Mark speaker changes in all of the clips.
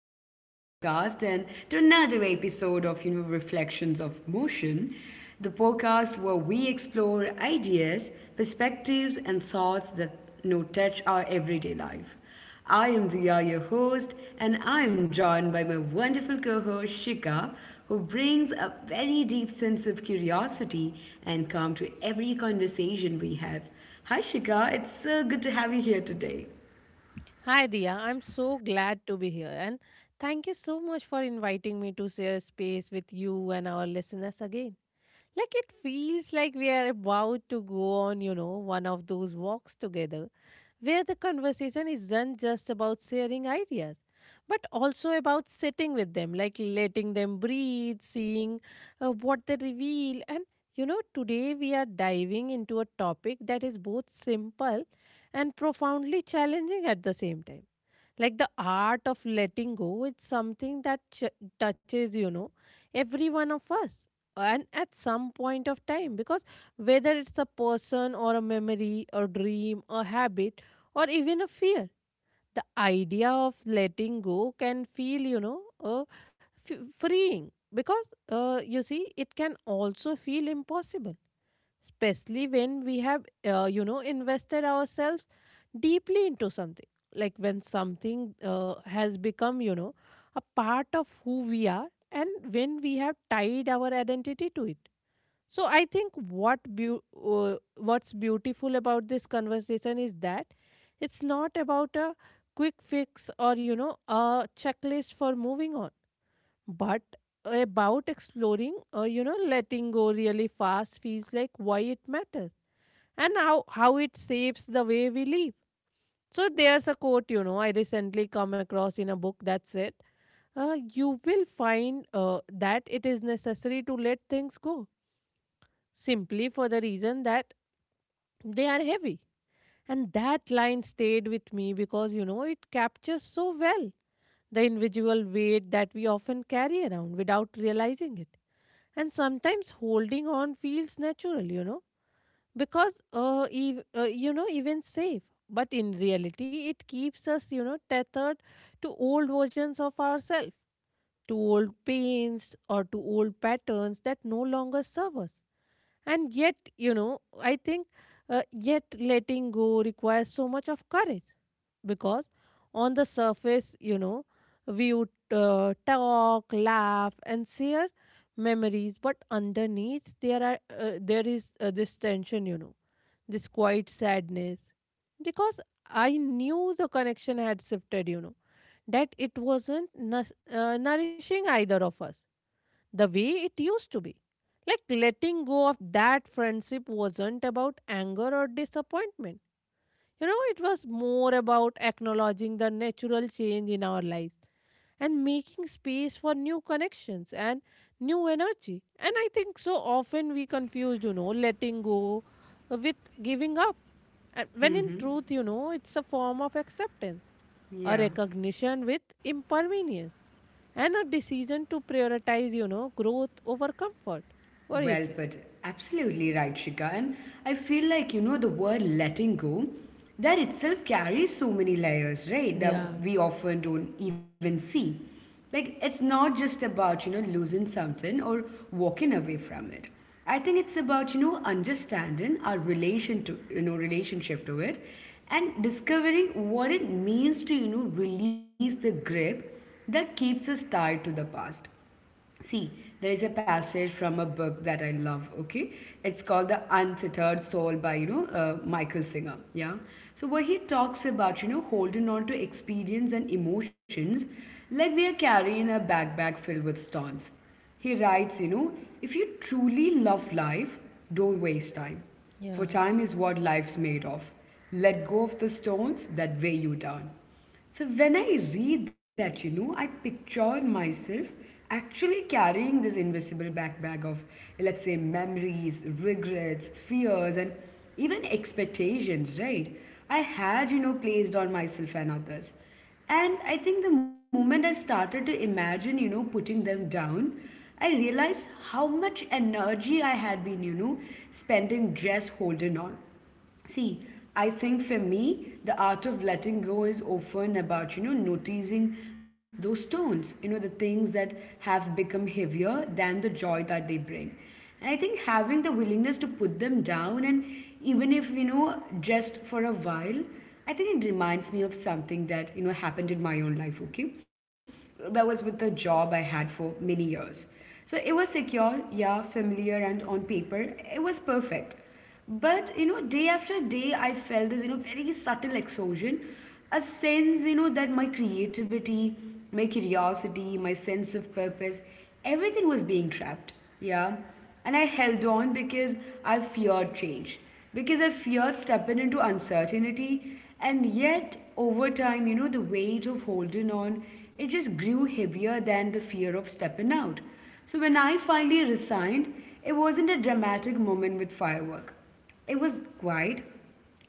Speaker 1: back to my podcast and to another episode of Reflections of Motion, the podcast where we explore ideas, perspectives and thoughts that touch our everyday life. I am Diya, your host, and I am joined by my wonderful co-host Shika, who brings a very deep sense of curiosity and calm to every conversation we have. Hi Shika, it's so good to have you here today.
Speaker 2: Hi, Dia. I'm so glad to be here. And thank you so much for inviting me to share space with you and our listeners again. Like, it feels like we are about to go on, you know, one of those walks together where the conversation isn't just about sharing ideas, but also about sitting with them, like letting them breathe, seeing what they reveal. And, you know, today we are diving into a topic that is both simple and profoundly challenging at the same time like the art of letting go. It's something that touches, you know, every one of us. And at some point of time, because whether it's a person or a memory, a dream, a habit, or even a fear, the idea of letting go can feel, you know, freeing. Because you see, it can also feel impossible especially when we have you know invested ourselves deeply into something like when something has become you know a part of who we are and when we have tied our identity to it. So I think uh, what's beautiful about this conversation is that it's not about a quick fix or you know a checklist for moving on but about exploring you know letting go really fast feels like why it matters and how it shapes the way we live. So there's a quote you know I recently come across in a book that said, "You will find that it is necessary to let things go simply for the reason that they are heavy." And that line stayed with me because you know it captures so well the individual weight that we often carry around without realizing it. And sometimes holding on feels natural, you know because you know even safe but in reality it keeps us you know tethered to old versions of ourselves, to old pains or to old patterns that no longer serve us. And yet, you know, I think yet letting go requires so much of courage because on the surface, you know, we would talk, laugh, and share memories, but underneath there is this tension, you know, this quiet sadness because I knew the connection had shifted, you know, that it wasn't nourishing either of us the way it used to be. Like letting go of that friendship wasn't about anger or disappointment. You know, it was more about acknowledging the natural change in our lives and making space for new connections and new energy. And I think so often we confuse, you know, letting go with giving up. And when in truth, you know, it's a form of acceptance, a
Speaker 1: Yeah.
Speaker 2: recognition with impermanence and a decision to prioritize, you know, growth over comfort. What do you
Speaker 1: Well
Speaker 2: say?
Speaker 1: put. Absolutely right, Shika. And I feel like, the word letting go, that itself carries so many layers, right? That
Speaker 2: Yeah.
Speaker 1: we often don't even see. Like, it's not just about, losing something or walking away from it. I think it's about, understanding our relation to, relationship to it and discovering what it means to, release the grip that keeps us tied to the past. See, there is a passage from a book that I love. Okay, it's called The Untethered Soul by Michael Singer. Yeah, so where he talks about holding on to experience and emotions like we are carrying a backpack filled with stones. He writes, if you truly love life, don't waste time,
Speaker 2: Yeah.
Speaker 1: for time is what life's made of. Let go of the stones that weigh you down. So when I read that, I pictured myself actually carrying this invisible backpack of, let's say, memories, regrets, fears, and even expectations, right? I had, placed on myself and others. And I think the moment I started to imagine, putting them down, I realized how much energy I had been, spending just holding on. See, I think for me, the art of letting go is often about, noticing those stones, the things that have become heavier than the joy that they bring. And I think having the willingness to put them down, and even if, just for a while, I think it reminds me of something that, happened in my own life, okay? That was with the job I had for many years. So it was secure, yeah, familiar, and on paper, it was perfect. But day after day, I felt this very subtle exhaustion, a sense that my creativity, my curiosity, my sense of purpose, everything was being trapped. Yeah, and I held on because I feared change, because I feared stepping into uncertainty, and yet over time, the weight of holding on it just grew heavier than the fear of stepping out. So when I finally resigned, it wasn't a dramatic moment with firework. It was quiet,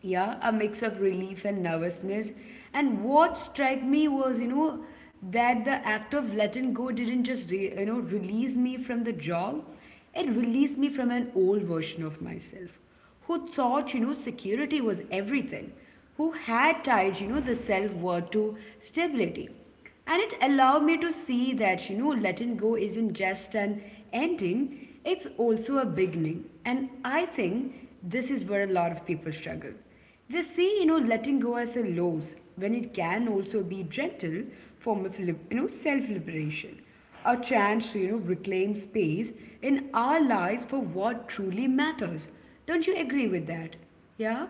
Speaker 1: yeah, a mix of relief and nervousness. And what struck me was, that the act of letting go didn't just, release me from the job. It released me from an old version of myself who thought, security was everything, who had tied, the self worth to stability. And it allowed me to see that, letting go isn't just an ending, it's also a beginning. And I think this is where a lot of people struggle. They see, letting go as a loss when it can also be gentle form of, self-liberation. A chance to, reclaim space in our lives for what truly matters. Don't you agree with that? Yeah?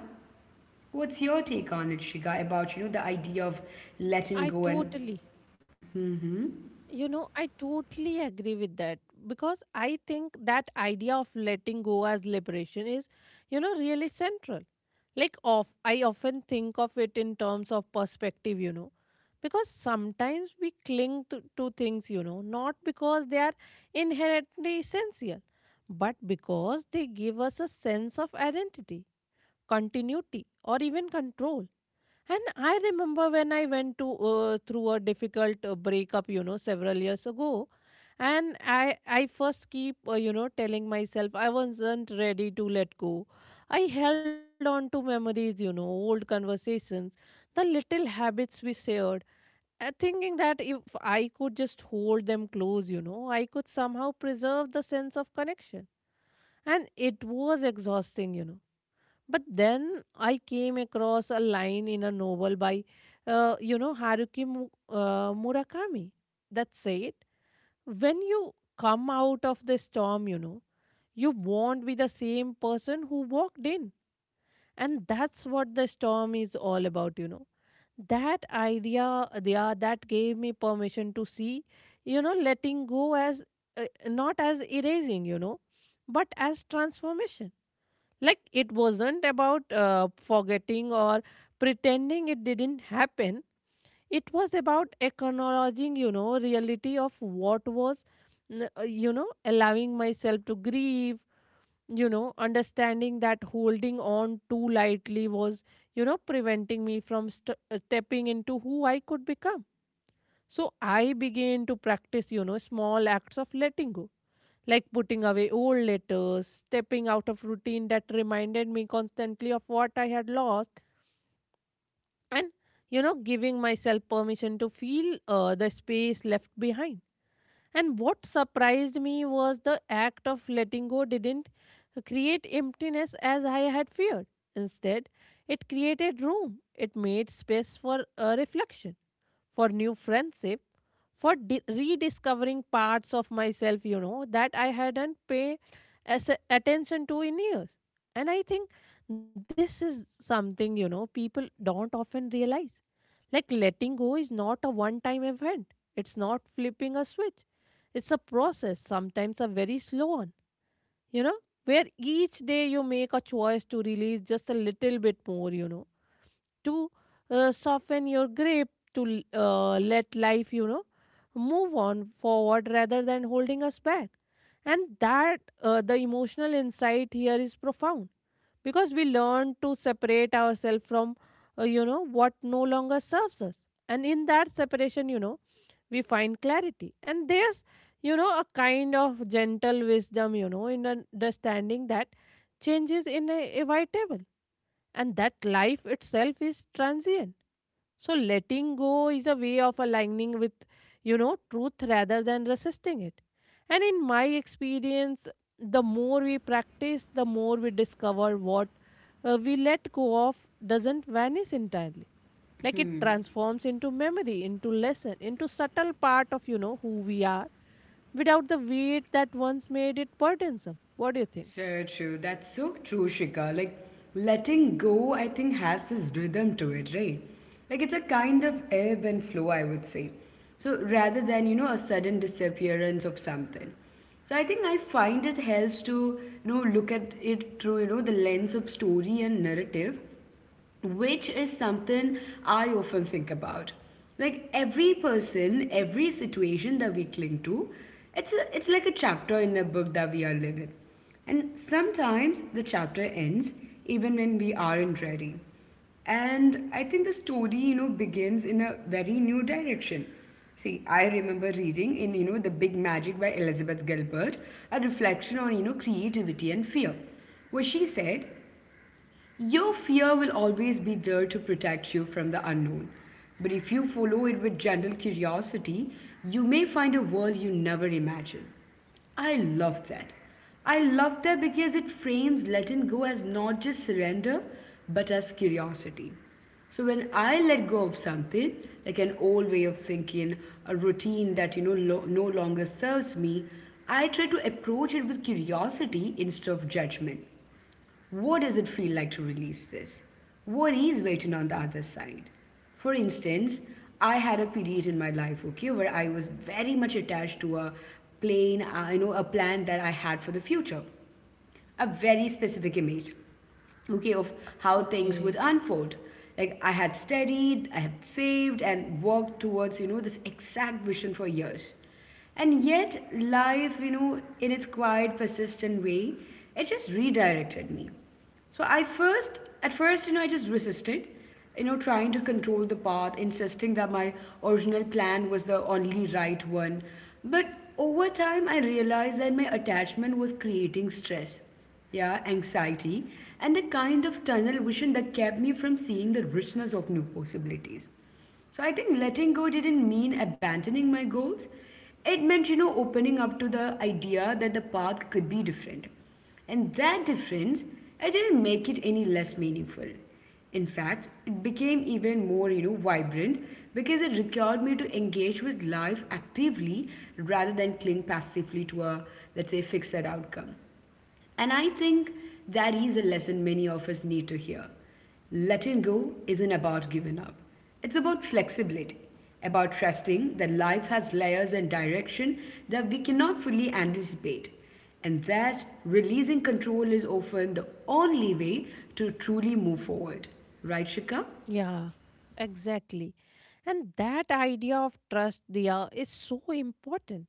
Speaker 1: What's your take on it, Shiga, about, the idea of
Speaker 2: I
Speaker 1: letting go
Speaker 2: totally,
Speaker 1: and
Speaker 2: you know, I totally agree with that because I think that idea of letting go as liberation is, you know, really central. Like, of I often think of it in terms of perspective, you know, because sometimes we cling to, things, you know, not because they are inherently essential, but because they give us a sense of identity continuity or even control. And I remember when I went to through a difficult breakup you know several years ago and I first keep you know telling myself I wasn't ready to let go. I held on to memories you know old conversations, the little habits we shared, thinking that if I could just hold them close you know I could somehow preserve the sense of connection. And it was exhausting you know. But then I came across a line in a novel by, you know, Murakami that said, when you come out of the storm, you know, you won't be the same person who walked in. And that's what the storm is all about, you know. That idea, yeah, that gave me permission to see, you know, letting go as not as erasing, you know, but as transformation like it wasn't about forgetting or pretending it didn't happen. It was about acknowledging, you know, reality of what was, you know, allowing myself to grieve, you know, understanding that holding on too lightly was, you know, preventing me from stepping into who I could become. So I began to practice, you know, small acts of letting go like putting away old letters, stepping out of routine that reminded me constantly of what I had lost, and you know, giving myself permission to feel the space left behind. And what surprised me was the act of letting go didn't create emptiness as I had feared. Instead, it created room, it made space for a reflection, for new friendship for rediscovering parts of myself you know that I hadn't paid as attention to in years. And I think this is something you know people don't often realize. Like letting go is not a one time event, it's not flipping a switch, it's a process sometimes a very slow one you know where each day you make a choice to release just a little bit more you know to soften your grip to let life you know move on forward rather than holding us back. And that the emotional insight here is profound because we learn to separate ourselves from you know what no longer serves us and in that separation you know we find clarity and there's you know a kind of gentle wisdom you know in understanding that change is inevitable and that life itself is transient so letting go is a way of aligning with, you know, truth rather than resisting it. And in my experience, the more we practice, the more we discover what we let go of doesn't vanish entirely. Like it transforms into memory, into lesson, into subtle part of, you know, who we are without the weight that once made it burdensome. What do you think?
Speaker 1: so true. That's so true, Shika. Like letting go, I think, has this rhythm to it, right? Like it's a kind of ebb and flow, I would say. So rather than, a sudden disappearance of something. So I think I find it helps to, look at it through, the lens of story and narrative, which is something I often think about. Like every person, every situation that we cling to, it's like a chapter in a book that we are living. And sometimes the chapter ends even when we aren't ready. And I think the story, begins in a very new direction. See, I remember reading in, The Big Magic by Elizabeth Gilbert, a reflection on, creativity and fear, where she said, your fear will always be there to protect you from the unknown. But if you follow it with gentle curiosity, you may find a world you never imagined. I love that. I love that because it frames letting go as not just surrender, but as curiosity. So when I let go of something, like an old way of thinking, a routine that no longer serves me, I try to approach it with curiosity instead of judgment. What does it feel like to release this? What is waiting on the other side? For instance, I had a period in my life, okay, where I was very much attached to a plan that I had for the future, a very specific image, okay, of how things would
Speaker 2: Okay.
Speaker 1: unfold. Like I had studied, I had saved, and worked towards, this exact vision for years. And yet, life, in its quiet, persistent way, it just redirected me. So at first, I just resisted, trying to control the path, insisting that my original plan was the only right one. But over time, I realized that my attachment was creating stress, yeah, anxiety, and a kind of tunnel vision that kept me from seeing the richness of new possibilities. So I think letting go didn't mean abandoning my goals. It meant, opening up to the idea that the path could be different. And that difference, I didn't make it any less meaningful. In fact, it became even more, vibrant because it required me to engage with life actively rather than cling passively to a, let's say, fixed outcome. And I think that is a lesson many of us need to hear. Letting go isn't about giving up, it's about flexibility, about trusting that life has layers and direction that we cannot fully anticipate, and that releasing control is often the only way to truly move forward. Right, Shika?
Speaker 2: Yeah, exactly. And that idea of trust, Dia, is so important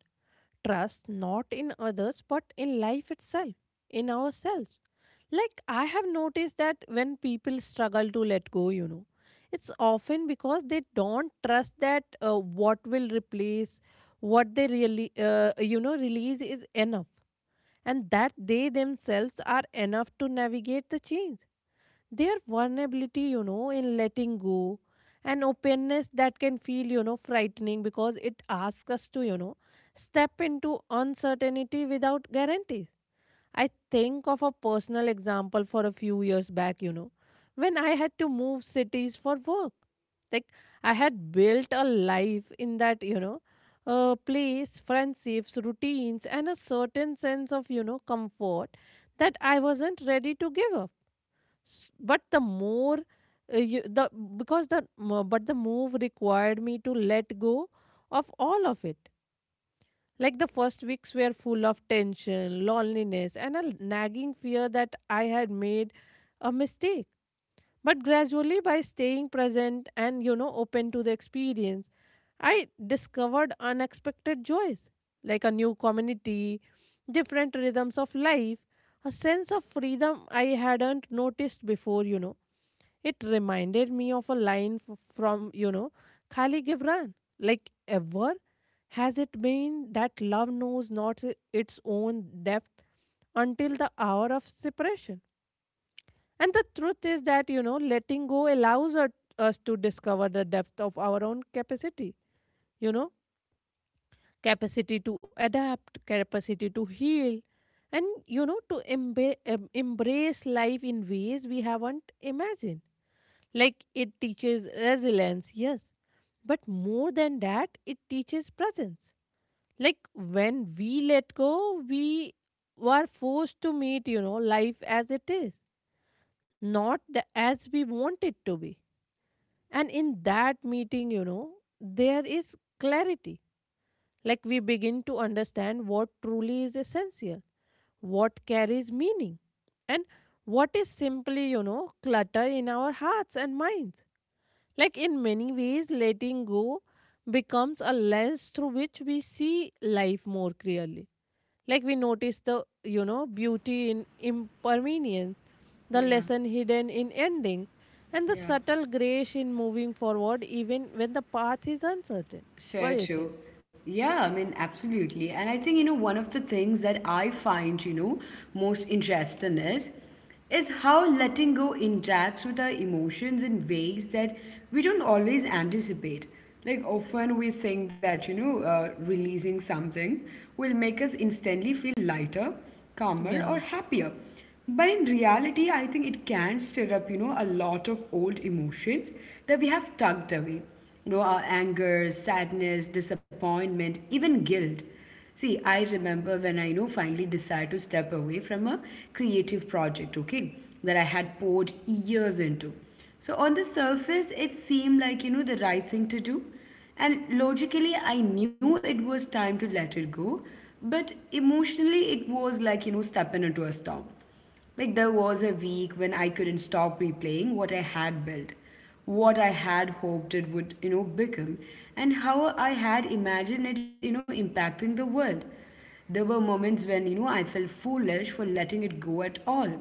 Speaker 2: trust not in others but in life itself, in ourselves. Like, I have noticed that when people struggle to let go, you know, it's often because they don't trust that what will replace what they really, you know, release is enough and that they themselves are enough to navigate the change, their vulnerability you know in letting go and openness that can feel you know frightening because it asks us to you know step into uncertainty without guarantees. I think of a personal example for a few years back you know when I had to move cities for work. Like I had built a life in that you know place, friendships, routines and a certain sense of you know comfort that I wasn't ready to give up. But the more you, the because the m- but the move required me to let go of all of it. Like the first weeks were full of tension loneliness and a nagging fear that I had made a mistake, but gradually by staying present and you know open to the experience I discovered unexpected joys like a new community, different rhythms of life, a sense of freedom I hadn't noticed before you know. It reminded me of a line from, you know, Khali Gibran. Like, ever has it been that love knows not its own depth until the hour of separation? And the truth is that, you know, letting go allows us to discover the depth of our own capacity, you know, capacity to adapt, capacity to heal, and, you know, to embrace life in ways we haven't imagined. Like it teaches resilience, yes. But more than that, it teaches presence. Like when we let go, we were forced to meet, you know, life as it is, not the, as we want it to be. And in that meeting, you know, there is clarity. Like we begin to understand what truly is essential, what carries meaning, and what is simply, you know, clutter in our hearts and minds. Like in many ways, letting go becomes a lens through which we see life more clearly. Like we notice the, you know, beauty in impermanence, the
Speaker 1: Yeah,
Speaker 2: lesson hidden in endings, and the
Speaker 1: yeah.
Speaker 2: subtle grace in moving forward even when the path is uncertain. What do you
Speaker 1: So
Speaker 2: think?
Speaker 1: true. Yeah, I mean, absolutely. And I think, one of the things that I find, most interesting is how letting go interacts with our emotions in ways that we don't always anticipate. Like often we think that, releasing something will make us instantly feel lighter, calmer,
Speaker 2: Yeah.
Speaker 1: or happier. But in reality, I think it can stir up, a lot of old emotions that we have tugged away. Our anger, sadness, disappointment, even guilt. See, I remember when I, finally decided to step away from a creative project, okay, that I had poured years into. So on the surface, it seemed like, the right thing to do. And logically, I knew it was time to let it go. But emotionally, it was like, stepping into a storm. Like there was a week when I couldn't stop replaying what I had built, what I had hoped it would, become, and how I had imagined it, impacting the world. There were moments when, I felt foolish for letting it go at all,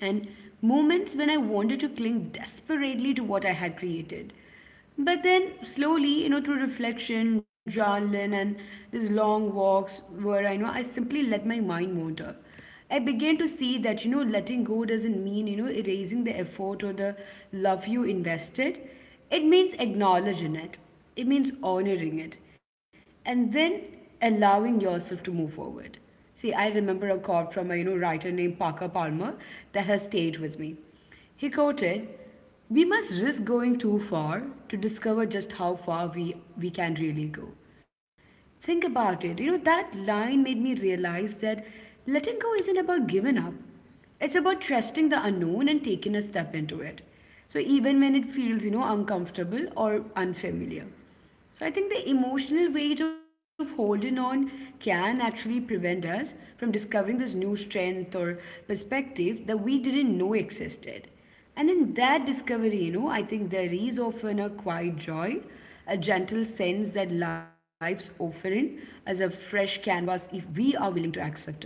Speaker 1: and moments when I wanted to cling desperately to what I had created. But then, slowly, through reflection, journaling, and these long walks where I know I simply let my mind wander, I began to see that, letting go doesn't mean, erasing the effort or the love you invested. It means acknowledging it, it means honoring it, and then allowing yourself to move forward. See, I remember a quote from a writer named Parker Palmer that has stayed with me. He quoted, "We must risk going too far to discover just how far we can really go." Think about it. That line made me realize that letting go isn't about giving up. It's about trusting the unknown and taking a step into it. So even when it feels, uncomfortable or unfamiliar. So I think the emotional weight of holding on can actually prevent us from discovering this new strength or perspective that we didn't know existed. And in that discovery, I think there is often a quiet joy, a gentle sense that life's offering as a fresh canvas if we are willing to accept it.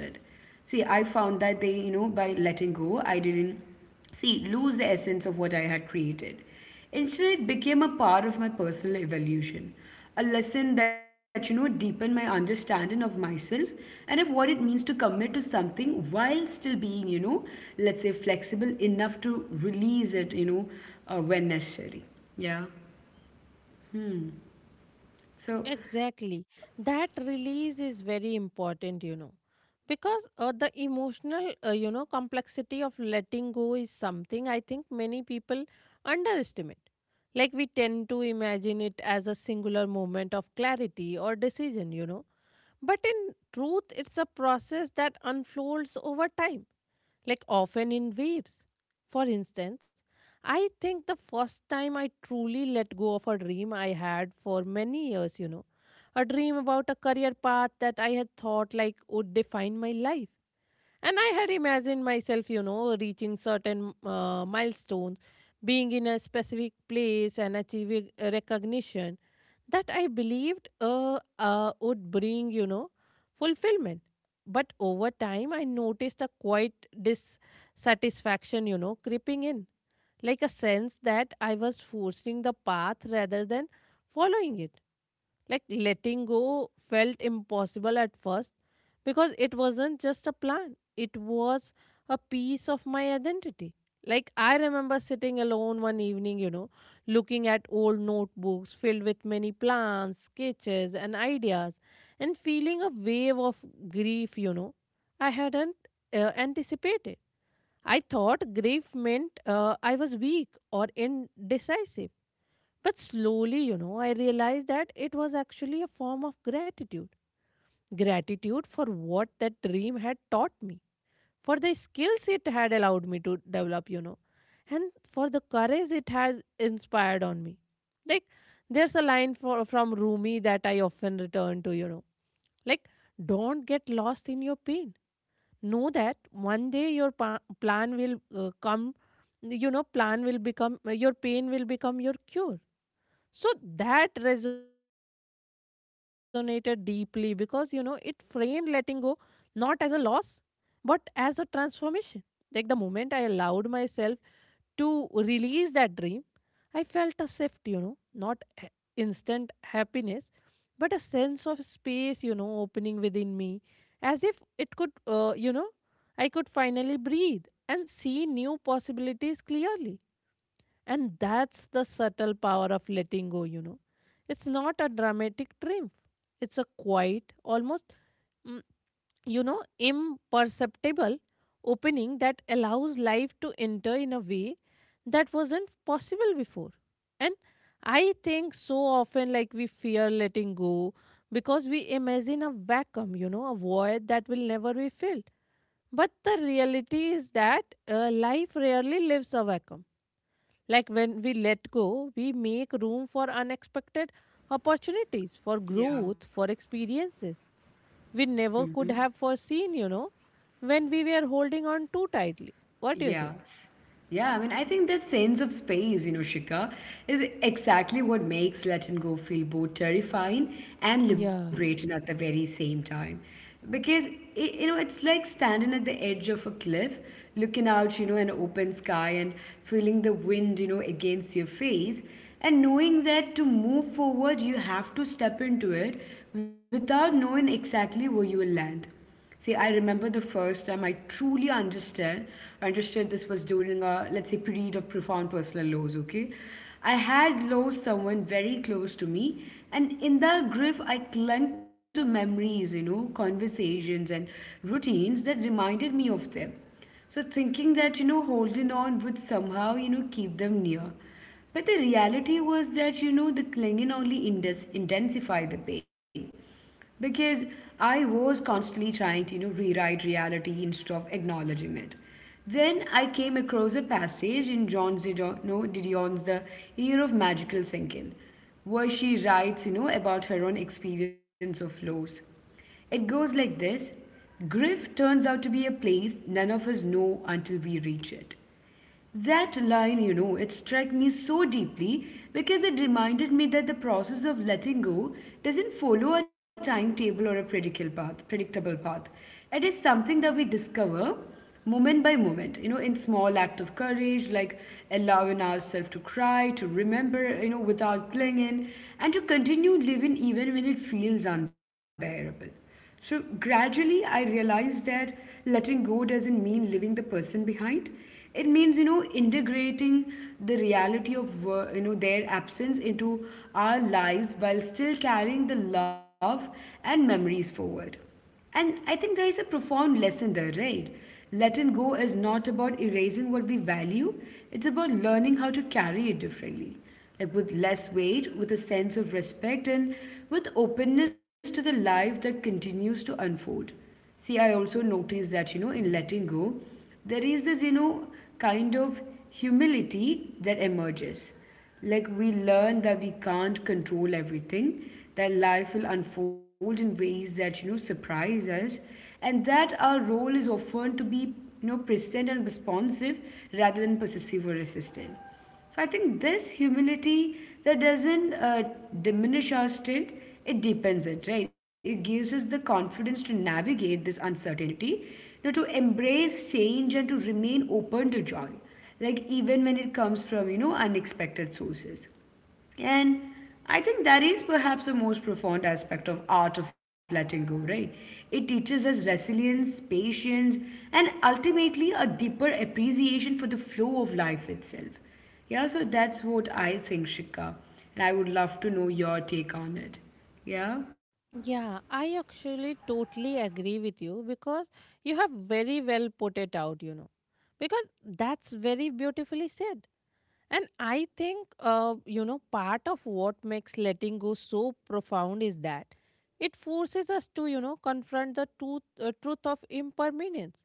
Speaker 1: See, I found that by letting go, I didn't see lose the essence of what I had created. Instead, it became a part of my personal evolution, a lesson that, deepened my understanding of myself and of what it means to commit to something while still being, let's say flexible enough to release it, when necessary. Yeah. So,
Speaker 2: Exactly. That release is very important, you know, because the emotional, you know, complexity of letting go is something I think many people underestimate. Like we tend to imagine it as a singular moment of clarity or decision, you know, but in truth, it's a process that unfolds over time like often in waves. For instance, I think the first time I truly let go of a dream I had for many years, a dream about a career path that I had thought like would define my life. And I had imagined myself, reaching certain milestones, being in a specific place and achieving a recognition that I believed would bring, fulfillment. But over time, I noticed a quite dissatisfaction, creeping in, like a sense that I was forcing the path rather than following it like letting go felt impossible at first because it wasn't just a plan, it was a piece of my identity. Like I remember sitting alone one evening, looking at old notebooks filled with many plans, sketches, and ideas, and feeling a wave of grief, I hadn't anticipated. I thought grief meant I was weak or indecisive but slowly, I realized that it was actually a form of gratitude. Gratitude for what that dream had taught me, for the skills it had allowed me to develop, and for the courage it has inspired on me. Like, there's a line from Rumi that I often return to, like, don't get lost in your pain. Know that one day your plan will come, plan will become, your pain will become your cure so that resonated deeply because you know it framed letting go not as a loss but as a transformation. Like the moment I allowed myself to release that dream, I felt a shift, not instant happiness, but a sense of space, opening within me as if it could, I could finally breathe and see new possibilities clearly and that's the subtle power of letting go, you know. It's not a dramatic triumph, it's a quiet, almost, mm, imperceptible opening that allows life to enter in a way that wasn't possible before. And I think so often, like, we fear letting go because we imagine a vacuum, a void that will never be filled. But the reality is that life rarely leaves a vacuum like when we let go, we make room for unexpected opportunities, for
Speaker 1: yeah.
Speaker 2: growth, for experiences we never could have foreseen, when we were holding on too tightly. What do
Speaker 1: Yeah.
Speaker 2: you think?
Speaker 1: Yeah, I mean, I think that sense of space, Shika, is exactly what makes letting go feel both terrifying and liberating
Speaker 2: Yeah.
Speaker 1: at the very same time. Because, it's like standing at the edge of a cliff, looking out, an open sky and feeling the wind, against your face, and knowing that to move forward, you have to step into it without knowing exactly where you will land. See, I remember the first time I truly understood this was during a let's say period of profound personal loss. Okay, I had lost someone very close to me, and in the grief, I clung to memories, conversations and routines that reminded me of them. So thinking that holding on would somehow keep them near, but the reality was that the clinging only intensified the pain because I was constantly trying to, rewrite reality instead of acknowledging it. Then I came across a passage in John Zidon, no, Didion's The Year of Magical Thinking, where she writes, about her own experience of loss. It goes like this: grief turns out to be a place none of us know until we reach it. That line, it struck me so deeply because it reminded me that the process of letting go doesn't follow a timetable or a predictable path. It is something that we discover moment by moment, in small act of courage, like allowing ourselves to cry, to remember, without clinging, and to continue living even when it feels unbearable. So gradually, I realized that letting go doesn't mean leaving the person behind. It means, integrating the reality of, their absence into our lives while still carrying the love and memories forward. And I think there is a profound lesson there, right? Letting go is not about erasing what we value, it's about learning how to carry it differently. Like with less weight, with a sense of respect, and with openness to the life that continues to unfold. See, I also noticed that, in letting go, there is this, kind of humility that emerges. Like we learn that we can't control everything, that life will unfold in ways that surprise us, and that our role is often to be present and responsive rather than possessive or resistant. So I think this humility that doesn't diminish our strength, it deepens it, right? It gives us the confidence to navigate this uncertainty, to embrace change and to remain open to joy like even when it comes from unexpected sources, and I think that is perhaps the most profound aspect of art of letting go, right? It teaches us resilience, patience, and ultimately a deeper appreciation for the flow of life itself. Yeah, so that's what I think, Shika. And I would love to know your take on it. Yeah?
Speaker 2: Yeah, I actually totally agree with you because you have very well put it out, you know. Because that's very beautifully said. And I think, part of what makes letting go so profound is that it forces us to, confront the truth, truth of impermanence,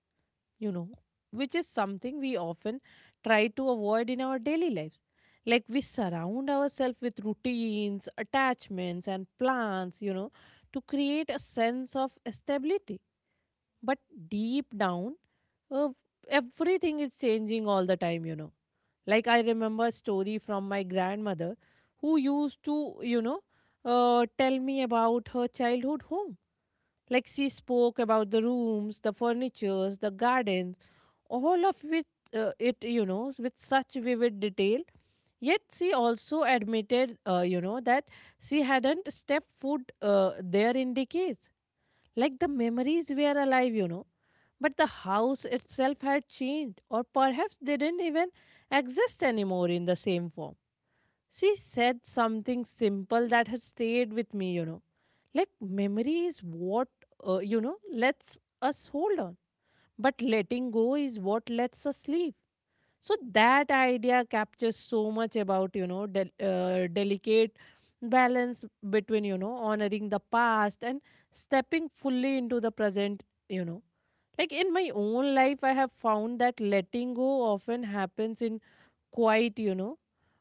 Speaker 2: you know, which is something we often try to avoid in our daily lives. Like we surround ourselves with routines, attachments, and plans, to create a sense of stability. But deep down, uh, everything is changing all the time, you know like I remember a story from my grandmother who used to, you know, tell me about her childhood home. Like she spoke about the rooms, the furnitures, the gardens, all of which with such vivid detail. Yet she also admitted, that she hadn't stepped foot there in decades. Like the memories were alive, you know but the house itself had changed, or perhaps didn't even exist anymore in the same form. She said something simple that has stayed with me, you know. Like, memory is what, lets us hold on, but letting go is what lets us leave. So, that idea captures so much about, delicate balance between, honoring the past and stepping fully into the present you know like in my own life, I have found that letting go often happens in quite,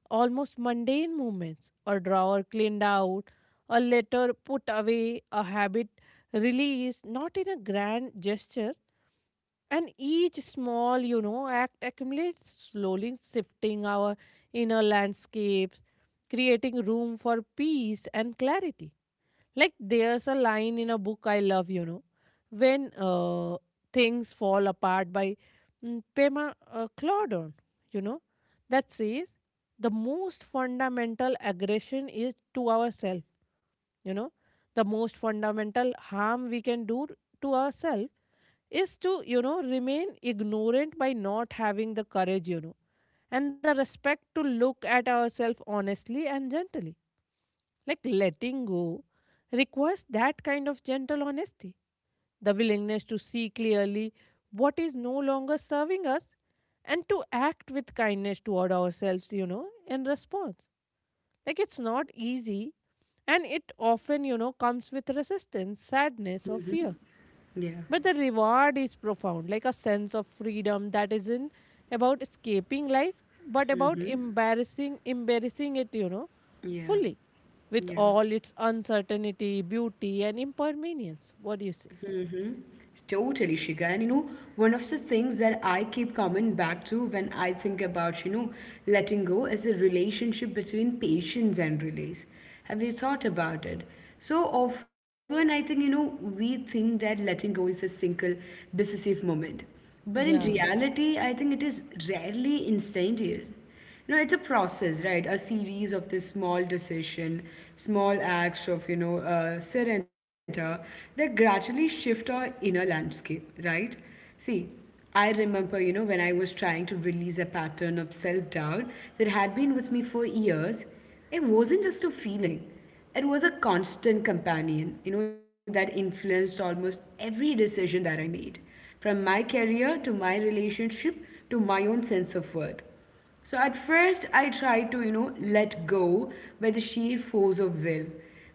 Speaker 2: almost mundane moments. A drawer cleaned out, a letter put away, a habit released, not in a grand gesture. And each small, act accumulates, slowly shifting our inner landscapes, creating room for peace and clarity. Like there's a line in a book I love, when things fall apart by Pema Claudon, you know, that says the most fundamental aggression is to ourselves, you know, the most fundamental harm we can do to ourselves is to, remain ignorant by not having the courage, and the respect to look at ourselves honestly and gently. Like letting go requires that kind of gentle honesty, the willingness to see clearly what is no longer serving us and to act with kindness toward ourselves, in response. Like it's not easy and it often, comes with resistance, sadness, or fear.
Speaker 1: Yeah.
Speaker 2: But the reward is profound, like a sense of freedom that isn't about escaping life, but about embarrassing it,
Speaker 1: Yeah.
Speaker 2: fully with
Speaker 1: Yeah.
Speaker 2: all its uncertainty, beauty, and impermanence. What do you say?
Speaker 1: Totally, Shika. And one of the things that I keep coming back to when I think about, letting go is the relationship between patience and release. Have you thought about it? So often, I think, we think that letting go is a single, decisive moment. But in
Speaker 2: Yeah,
Speaker 1: reality, I think it is rarely instantaneous. You know, it's a process, right? A series of this small decision, small acts of surrender that gradually shift our inner landscape, right? See, I remember, when I was trying to release a pattern of self doubt that had been with me for years, it wasn't just a feeling. It was a constant companion, that influenced almost every decision that I made, from my career to my relationship to my own sense of worth. So at first, I tried to, let go by the sheer force of will,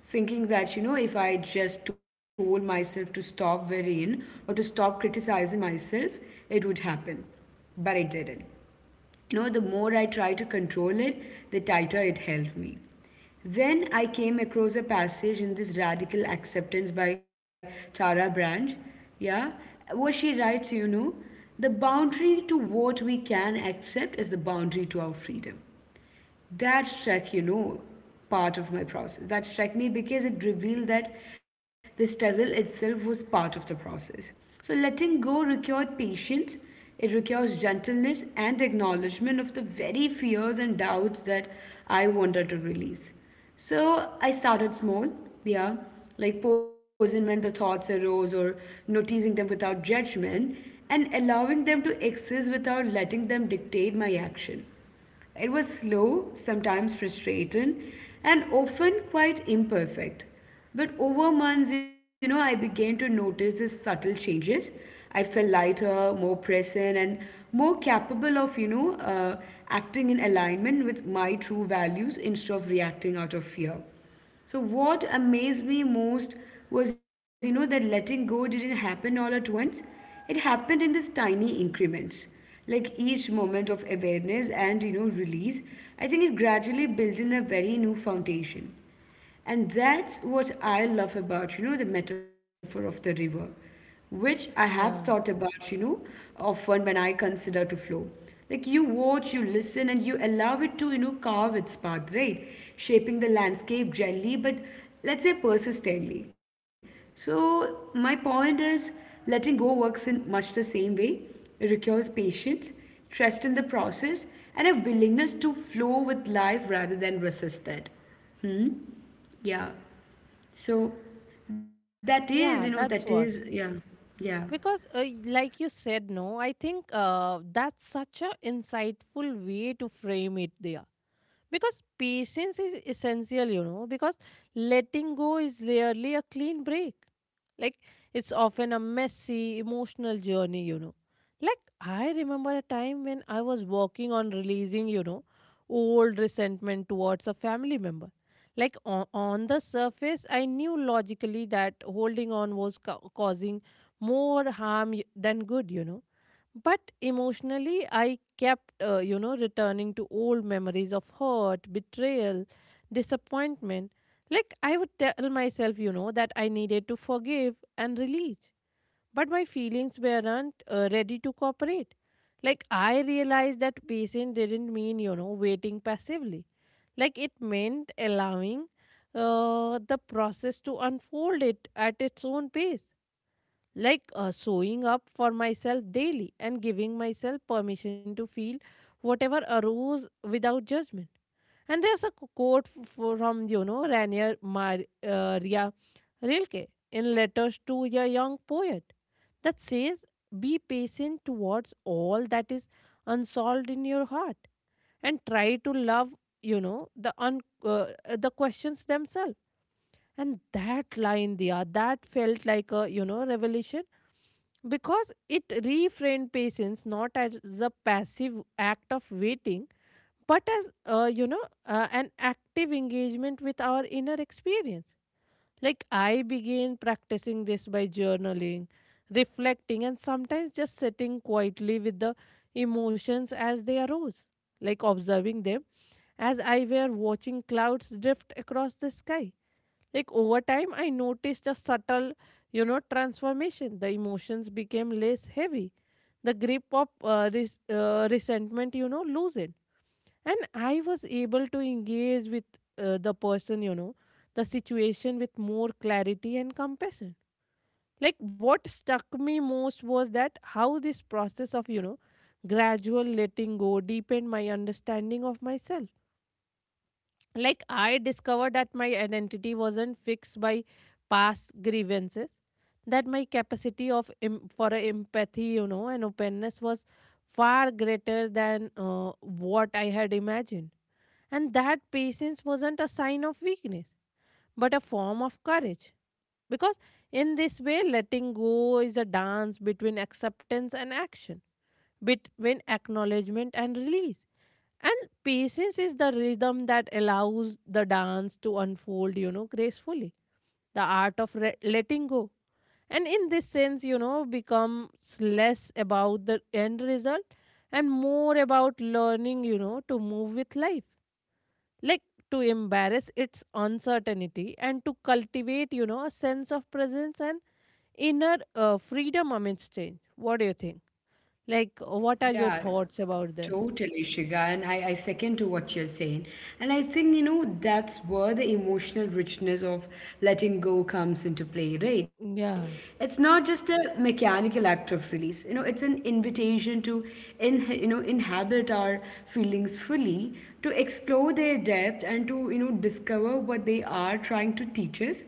Speaker 1: thinking that, if I just told myself to stop worrying or to stop criticizing myself, it would happen. But it didn't. You know, the more I tried to control it, the tighter it held me. Then I came across a passage in this Radical Acceptance by Tara Branch, yeah, where she writes, the boundary to what we can accept is the boundary to our freedom. That struck part of my process, that struck me because it revealed that the struggle itself was part of the process. So letting go required patience, it requires gentleness and acknowledgement of the very fears and doubts that I wanted to release. So I started small, yeah, like pausing when the thoughts arose or noticing them without judgment and allowing them to exist without letting them dictate my action. It was slow, sometimes frustrating, and often quite imperfect. But over months, I began to notice these subtle changes. I felt lighter, more present, and more capable of, acting in alignment with my true values instead of reacting out of fear. So what amazed me most was, that letting go didn't happen all at once. It happened in these tiny increments. Like each moment of awareness and, release, I think it gradually built in a very new foundation. And that's what I love about, the metaphor of the river, which I have thought
Speaker 2: yeah,
Speaker 1: about, often when I consider to flow. Like you watch, you listen, and you allow it to, carve its path, right? Shaping the landscape gently, but let's say persistently. So my point is, letting go works in much the same way. It requires patience, trust in the process, and a willingness to flow with life rather than resist it. Hmm? Yeah. So that is,
Speaker 2: yeah,
Speaker 1: you know,
Speaker 2: that's
Speaker 1: that
Speaker 2: what.
Speaker 1: is, yeah, yeah,
Speaker 2: Because, like you said, no, I think that's such a insightful way to frame it there. Because patience is essential, because letting go is rarely a clean break. Like, it's often a messy, emotional journey, you know. Like, I remember a time when I was working on releasing, old resentment towards a family member. Like, on the surface, I knew logically that holding on was causing more harm than good, you know but emotionally, I kept, returning to old memories of hurt, betrayal, disappointment. Like, I would tell myself, that I needed to forgive and release. But my feelings weren't ready to cooperate. Like, I realized that patience didn't mean, waiting passively. Like, it meant allowing the process to unfold it at its own pace like showing up for myself daily and giving myself permission to feel whatever arose without judgment. And there's a quote from, Rainier Maria Rilke in Letters to a Young Poet that says, be patient towards all that is unsolved in your heart and try to love, you know, the, un- uh, the questions themselves. And that line, there that felt like a, revelation because it reframed patience not as a passive act of waiting but as an active engagement with our inner experience like I began practicing this by journaling reflecting and sometimes just sitting quietly with the emotions as they arose like observing them as I were watching clouds drift across the sky like over time, I noticed a subtle, transformation. The emotions became less heavy. The grip of resentment, loosened. And I was able to engage with the person, the situation with more clarity and compassion. Like what struck me most was that how this process of, gradual letting go deepened my understanding of myself like, I discovered that my identity wasn't fixed by past grievances, that my capacity for a empathy, and openness was far greater than what I had imagined. And that patience wasn't a sign of weakness, but a form of courage. Because in this way, letting go is a dance between acceptance and action, between acknowledgement and release. And patience is the rhythm that allows the dance to unfold, gracefully. The art of letting go. And in this sense, becomes less about the end result and more about learning, to move with life. Like to embrace its uncertainty and to cultivate, a sense of presence and inner freedom amidst change. What do you think? Like, what are your
Speaker 1: yeah,
Speaker 2: thoughts about this?
Speaker 1: totally, Shiga. And I second to what you're saying. And I think, that's where the emotional richness of letting go comes into play, right? It's
Speaker 2: Yeah.
Speaker 1: not just a mechanical act of release, it's an invitation to, inhabit our feelings fully, to explore their depth and to, discover what they are trying to teach us.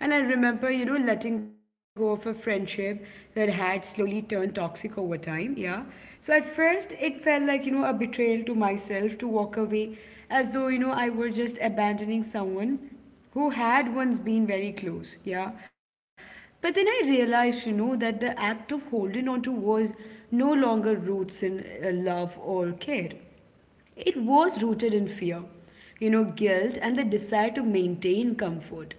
Speaker 1: And I remember, letting go of a friendship that had slowly turned toxic over time. Yeah. So at first, it felt like, a betrayal to myself to walk away as though, I were just abandoning someone who had once been very close. Yeah. But then I realized, that the act of holding on to was no longer roots in love or care. It was rooted in fear, guilt, and the desire to maintain comfort.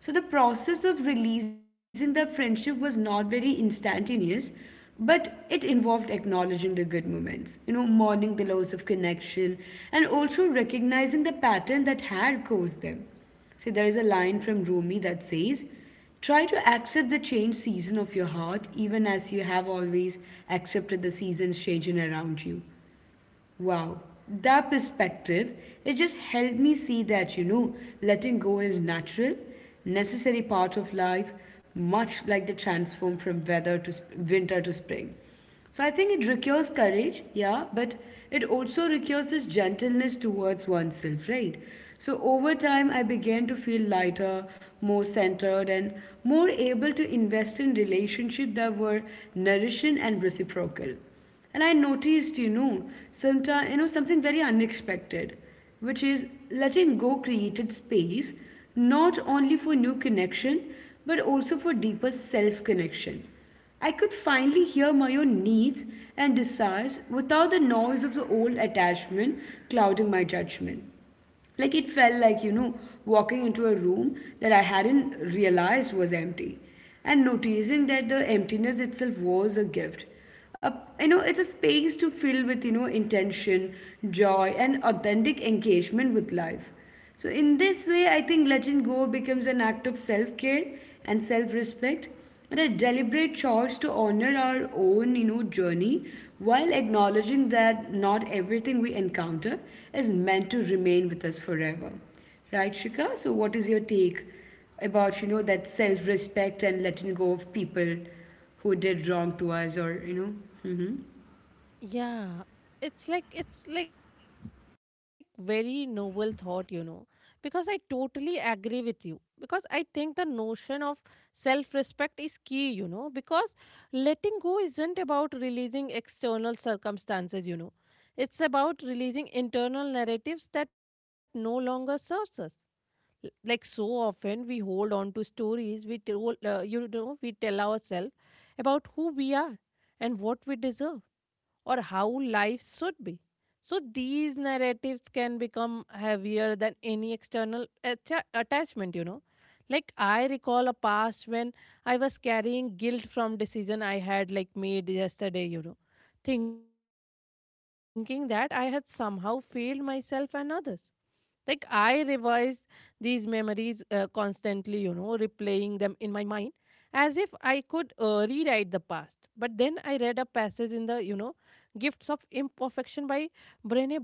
Speaker 1: So the process of releasing that friendship was not very instantaneous, but it involved acknowledging the good moments, mourning the loss of connection, and also recognizing the pattern that had caused them. See, there is a line from Rumi that says, try to accept the change season of your heart, even as you have always accepted the seasons changing around you. Wow, that perspective, it just helped me see that, letting go is natural, necessary part of life, much like the transform from winter to spring. So I think it requires courage, yeah, but it also requires this gentleness towards oneself, right? So over time, I began to feel lighter, more centered, and more able to invest in relationships that were nourishing and reciprocal. And I noticed, something very unexpected, which is letting go created space not only for new connection, but also for deeper self connection. I could finally hear my own needs and desires without the noise of the old attachment clouding my judgment. Like it felt like, walking into a room that I hadn't realized was empty and noticing that the emptiness itself was a gift. A, it's a space to fill with, intention, joy, and authentic engagement with life. So, in this way, I think letting go becomes an act of self care and self respect and a deliberate choice to honor our own, journey while acknowledging that not everything we encounter is meant to remain with us forever. Right, Shika? So what is your take about, that self-respect and letting go of people who did wrong to us, or, you know? Mm-hmm.
Speaker 2: Yeah, it's like very noble thought, because I totally agree with you. Because I think the notion of self-respect is key, because letting go isn't about releasing external circumstances, you know. It's about releasing internal narratives that no longer serves us. Like so often we hold on to stories we tell ourselves about who we are and what we deserve or how life should be. So these narratives can become heavier than any external attachment, you know. Like I recall a past when I was carrying guilt from decision I had like made yesterday, thinking that I had somehow failed myself and others. Like, I revise these memories constantly, replaying them in my mind as if I could rewrite the past. But then I read a passage in the, Gifts of Imperfection by Brene Brown.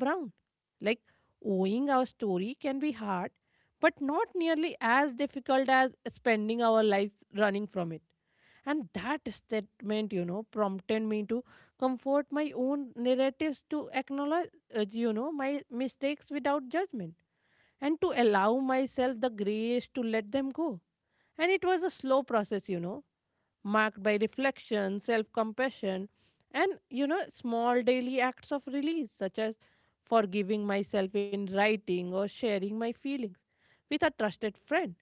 Speaker 2: Like, owing our story can be hard, but not nearly as difficult as spending our lives running from it. And that statement, prompted me to comfort my own narratives, to acknowledge my mistakes without judgment, and to allow myself the grace to let them go. And it was a slow process, marked by reflection, self compassion, and small daily acts of release, such as forgiving myself in writing or sharing my feelings with a trusted friend.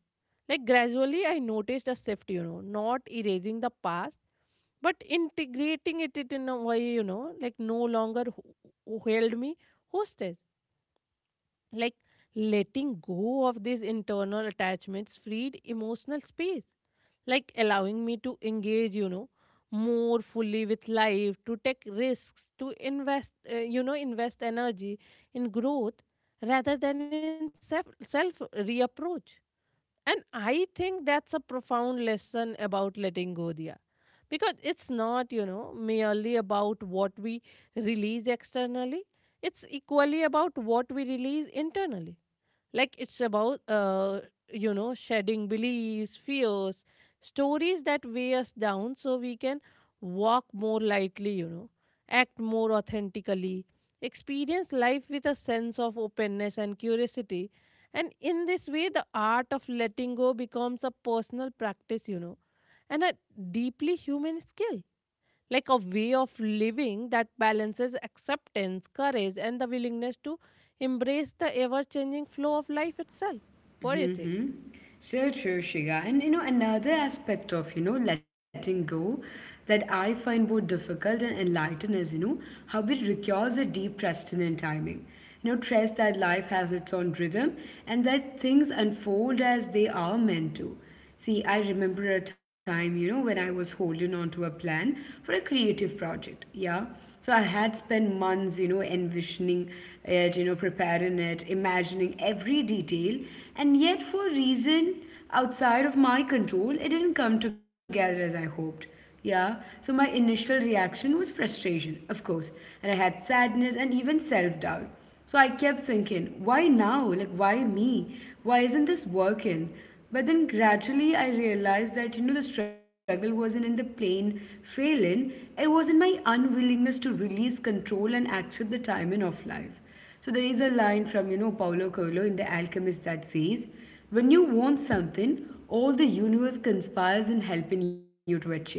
Speaker 2: Gradually, I noticed a shift, not erasing the past, but integrating it in a way, no longer held me hostage. like Letting go of these internal attachments freed emotional space, allowing me to engage, more fully with life, to take risks, to invest, invest energy in growth rather than in self reapproach. And I think that's a profound lesson about letting go, Dia. Because it's not, merely about what we release externally, it's equally about what we release internally. It's about, shedding beliefs, fears, stories that weigh us down so we can walk more lightly, act more authentically, experience life with a sense of openness and curiosity. And in this way, the art of letting go becomes a personal practice, and a deeply human skill, like a way of living that balances acceptance, courage, and the willingness to embrace the ever changing flow of life itself. What do you think?
Speaker 1: So true, Shriya. And you know, another aspect of, letting go that I find both difficult and enlightening is, how it requires a deep trust in and timing. You know, trust that life has its own rhythm and that things unfold as they are meant to. See, I remember a time, when I was holding on to a plan for a creative project. Yeah. So I had spent months, envisioning it, preparing it, imagining every detail, and yet for reason outside of my control, it didn't come together as I hoped. Yeah, so my initial reaction was frustration, of course, and I had sadness and even self doubt. So I kept thinking, why now? Like, why me? Why isn't this working? But then gradually I realized that, the struggle wasn't in the plain failing, it was in my unwillingness to release control and accept the timing of life. So there is a line from, Paulo Coelho in The Alchemist that says, when you want something, all the universe conspires in helping you to achieve it.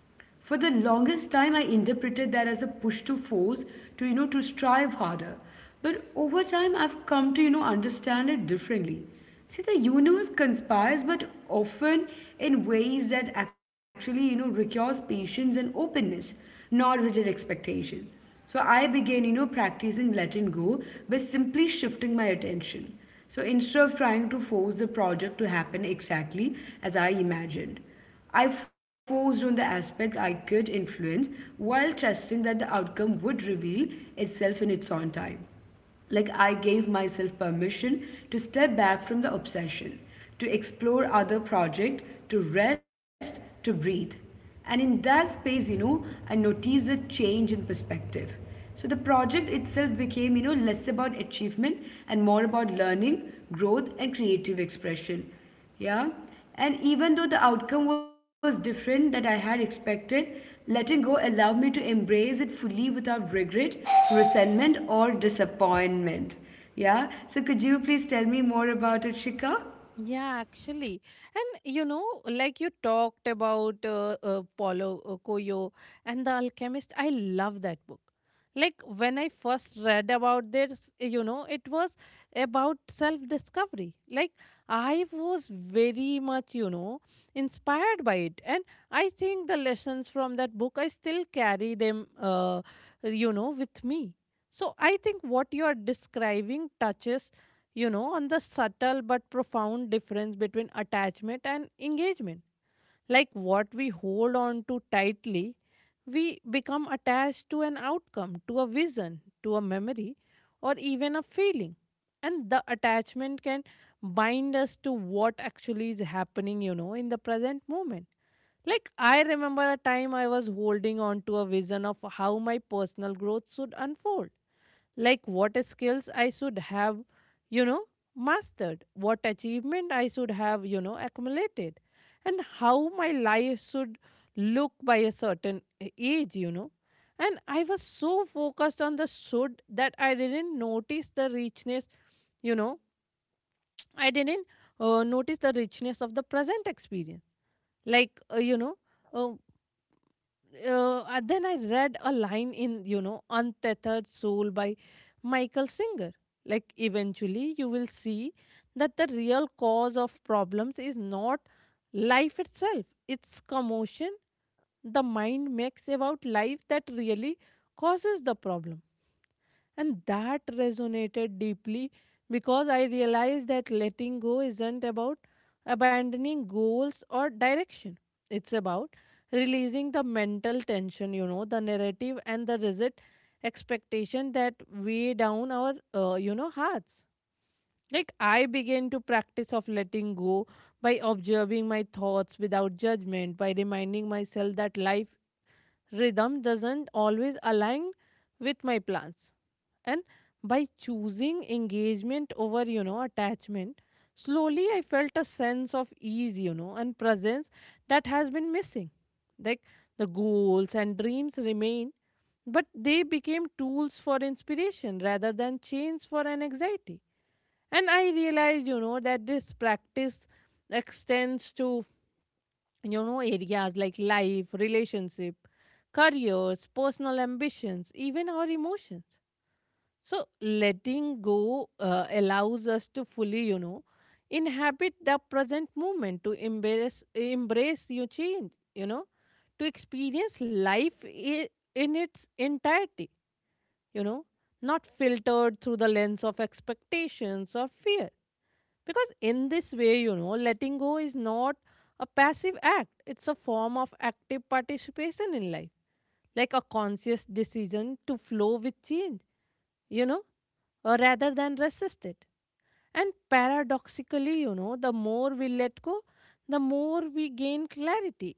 Speaker 1: For the longest time, I interpreted that as a push to force, to, to strive harder. But over time, I've come to, understand it differently. See, the universe conspires, but often in ways that actually, requires patience and openness, not rigid expectation. So I began, practicing letting go by simply shifting my attention. So instead of trying to force the project to happen exactly as I imagined. I focused on the aspect I could influence while trusting that the outcome would reveal itself in its own time. Like I gave myself permission to step back from the obsession, to explore other projects, to rest, to breathe. And in that space, I noticed a change in perspective. So the project itself became, less about achievement and more about learning, growth, and creative expression. Yeah. And even though the outcome was different that I had expected, letting go allowed me to embrace it fully without regret, resentment, or disappointment. Yeah. So could you please tell me more about it, Shika?
Speaker 2: Yeah, actually. And you talked about Paulo Coelho and The Alchemist, I love that book. Like when I first read about this, it was about self discovery. Like I was very much, inspired by it. And I think the lessons from that book, I still carry them, with me. So I think what you are describing touches, on the subtle but profound difference between attachment and engagement. Like what we hold on to tightly, we become attached to an outcome, to a vision, to a memory, or even a feeling. And the attachment can bind us to what actually is happening, in the present moment. Like, I remember a time I was holding on to a vision of how my personal growth should unfold, like what skills I should have, you know, mastered, what achievement I should have, accumulated, and how my life should look by a certain age. And I was so focused on the should that I didn't notice the richness, you know, I didn't notice the richness of the present experience. Like, uh, you know, uh, and then I read a line in, Untethered Soul by Michael Singer. Like, eventually, you will see that the real cause of problems is not life itself, it's commotion the mind makes about life that really causes the problem. And that resonated deeply because I realized that letting go isn't about abandoning goals or direction. It's about releasing the mental tension, the narrative and the rigid expectation that weigh down our hearts. Like I began to practice of letting go by observing my thoughts without judgment, by reminding myself that life rhythm doesn't always align with my plans, and by choosing engagement over, attachment. Slowly I felt a sense of ease, and presence that has been missing. Like the goals and dreams remain, but they became tools for inspiration rather than chains for an anxiety. And I realized, that this practice extends to, areas like life, relationship, careers, personal ambitions, even our emotions. So, letting go allows us to fully, inhabit the present moment, to embrace your change, to experience in its entirety, you know, not filtered through the lens of expectations or fear. Because in this way, letting go is not a passive act, it's a form of active participation in life, like a conscious decision to flow with change, you know, or rather than resist it. And paradoxically, the more we let go, the more we gain clarity,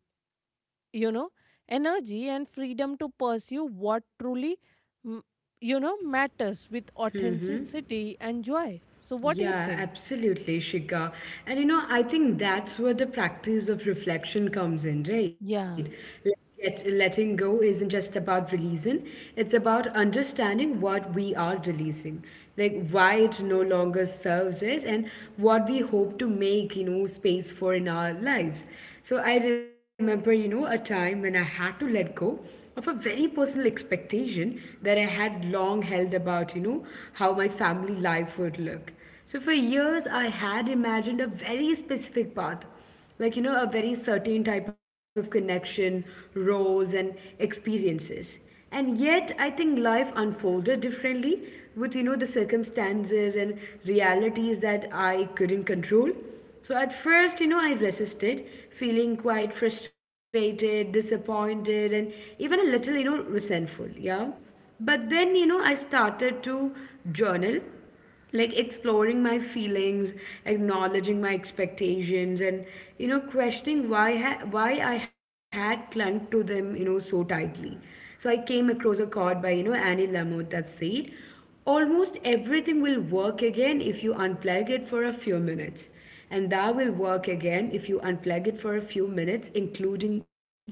Speaker 2: you know, energy and freedom to pursue what truly, mm, matters with authenticity and joy. So, what do you
Speaker 1: Yeah,
Speaker 2: think?
Speaker 1: absolutely, Shika. And you know, I think that's where the practice of reflection comes in, right?
Speaker 2: Yeah,
Speaker 1: Like, letting go isn't just about releasing, it's about understanding what we are releasing, like why it no longer serves us and what we hope to make, space for in our lives. So I remember, a time when I had to let go of a very personal expectation that I had long held about, how my family life would look. So for years, I had imagined a very specific path, like, a very certain type of connection, roles, and experiences. And yet, I think life unfolded differently with, the circumstances and realities that I couldn't control. So at first, I resisted, feeling quite frustrated, disappointed, and even a little, resentful. Yeah. But then, I started to journal, like exploring my feelings, acknowledging my expectations, and questioning why I had clung to them so tightly. So I came across a quote by Annie Lamott that said, almost everything will work again if you unplug it for a few minutes, and that will work again if you unplug it for a few minutes, including you.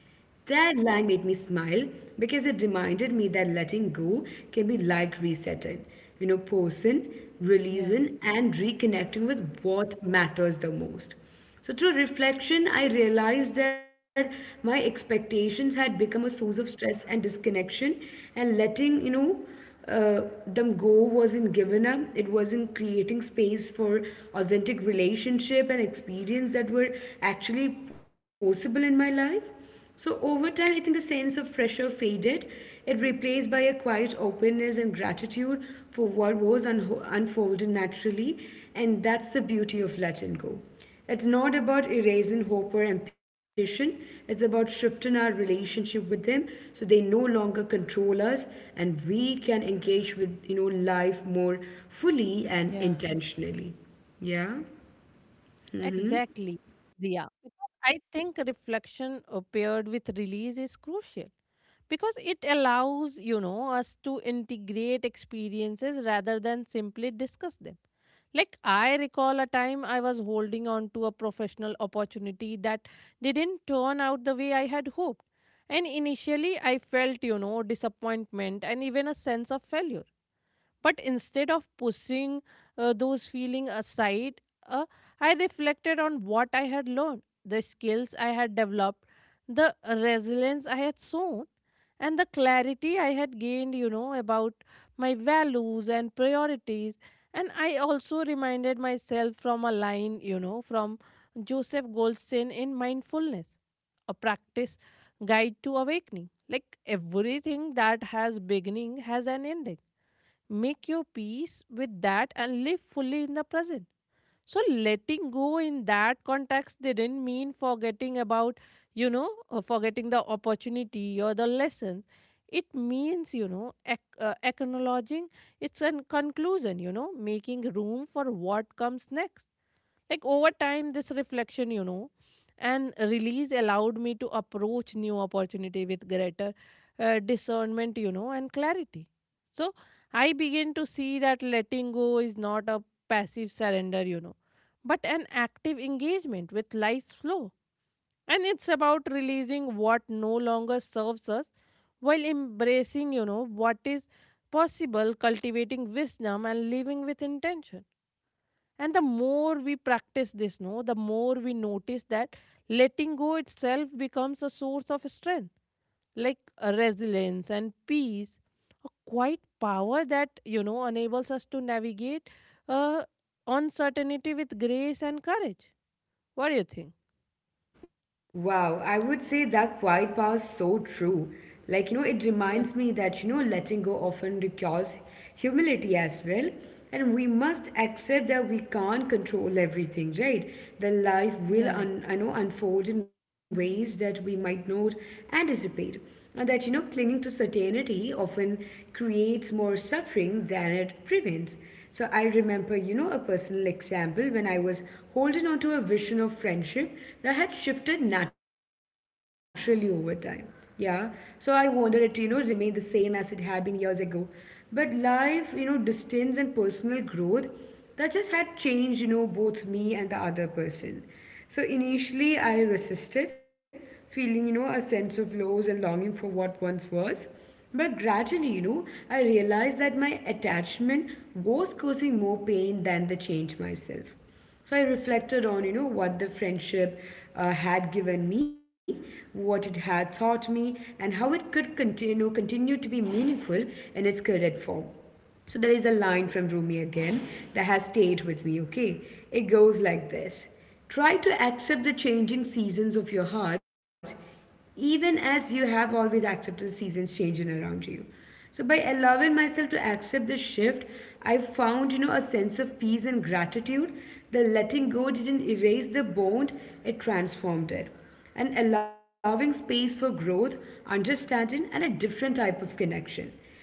Speaker 1: That line made me smile because it reminded me that letting go can be like resetting, pausing,
Speaker 2: yeah,
Speaker 1: releasing, and reconnecting with what matters the most. So, through reflection, I realized that my expectations had become a source of stress and disconnection, and letting them go wasn't giving up. It wasn't creating space for authentic relationship and experience that were actually possible in my life. So over time, I think the sense of pressure faded. It replaced by a quiet openness and gratitude for what was un unfolded naturally, and that's the beauty of letting go. It's not about erasing hope or ambition. It's about shifting our relationship with them so they no longer control us and we can engage with life more fully and
Speaker 2: yeah.
Speaker 1: intentionally. Yeah.
Speaker 2: Exactly, Diya. Because I think reflection paired with release is crucial because it allows, us to integrate experiences rather than simply discuss them. Like, I recall a time I was holding on to a professional opportunity that didn't turn out the way I had hoped. And initially, I felt, disappointment and even a sense of failure. But instead of pushing those feelings aside, uh, I reflected on what I had learned, the skills I had developed, the resilience I had shown, and the clarity I had gained, about my values and priorities. And I also reminded myself from a line, from Joseph Goldstein in Mindfulness, a practice guide to awakening. Like everything that has beginning has an ending. Make your peace with that and live fully in the present. So, letting go in that context didn't mean forgetting about, forgetting the opportunity or the lessons. It means, acknowledging it's a conclusion, making room for what comes next. Like over time, this reflection, and release allowed me to approach new opportunity with greater discernment, and clarity. So I begin to see that letting go is not a passive surrender, but an active engagement with life's flow. And it's about releasing what no longer serves us while embracing, what is possible, cultivating wisdom and living with intention. And the more we practice this, no, the more we notice that letting go itself becomes a source of strength, like resilience and peace, a quiet power that, enables us to navigate uh, uncertainty with grace and courage. What do you think?
Speaker 1: Wow, I would say that quiet power is so true. Like, it
Speaker 2: Yeah.
Speaker 1: reminds me that, letting go often requires humility as well. And we must accept that we can't control everything, right? That life will,
Speaker 2: Yeah.
Speaker 1: I know, unfold in ways that we might not anticipate. And that, clinging to certainty often creates more suffering than it prevents. So I remember, a personal example when I was holding on to a vision of friendship that had shifted naturally over time. Yeah, so I wanted it to, remain the same as it had been years ago. But life, distance and personal growth, that just had changed, both me and the other person. So initially, I resisted, feeling, a sense of loss and longing for what once was. But gradually, I realized that my attachment was causing more pain than the change myself. So I reflected on, what the friendship had given me, what it had taught me, and how it could continue to be meaningful in its current form. So there is a line from Rumi again that has stayed with me, okay? It goes like this: try to accept the changing seasons of your heart, even as you have always accepted the seasons changing around you. So by allowing myself to accept the shift, I found, a sense of peace and gratitude. The letting go didn't erase the bond, it transformed it. And allowing space for growth, understanding, and a different type of connection.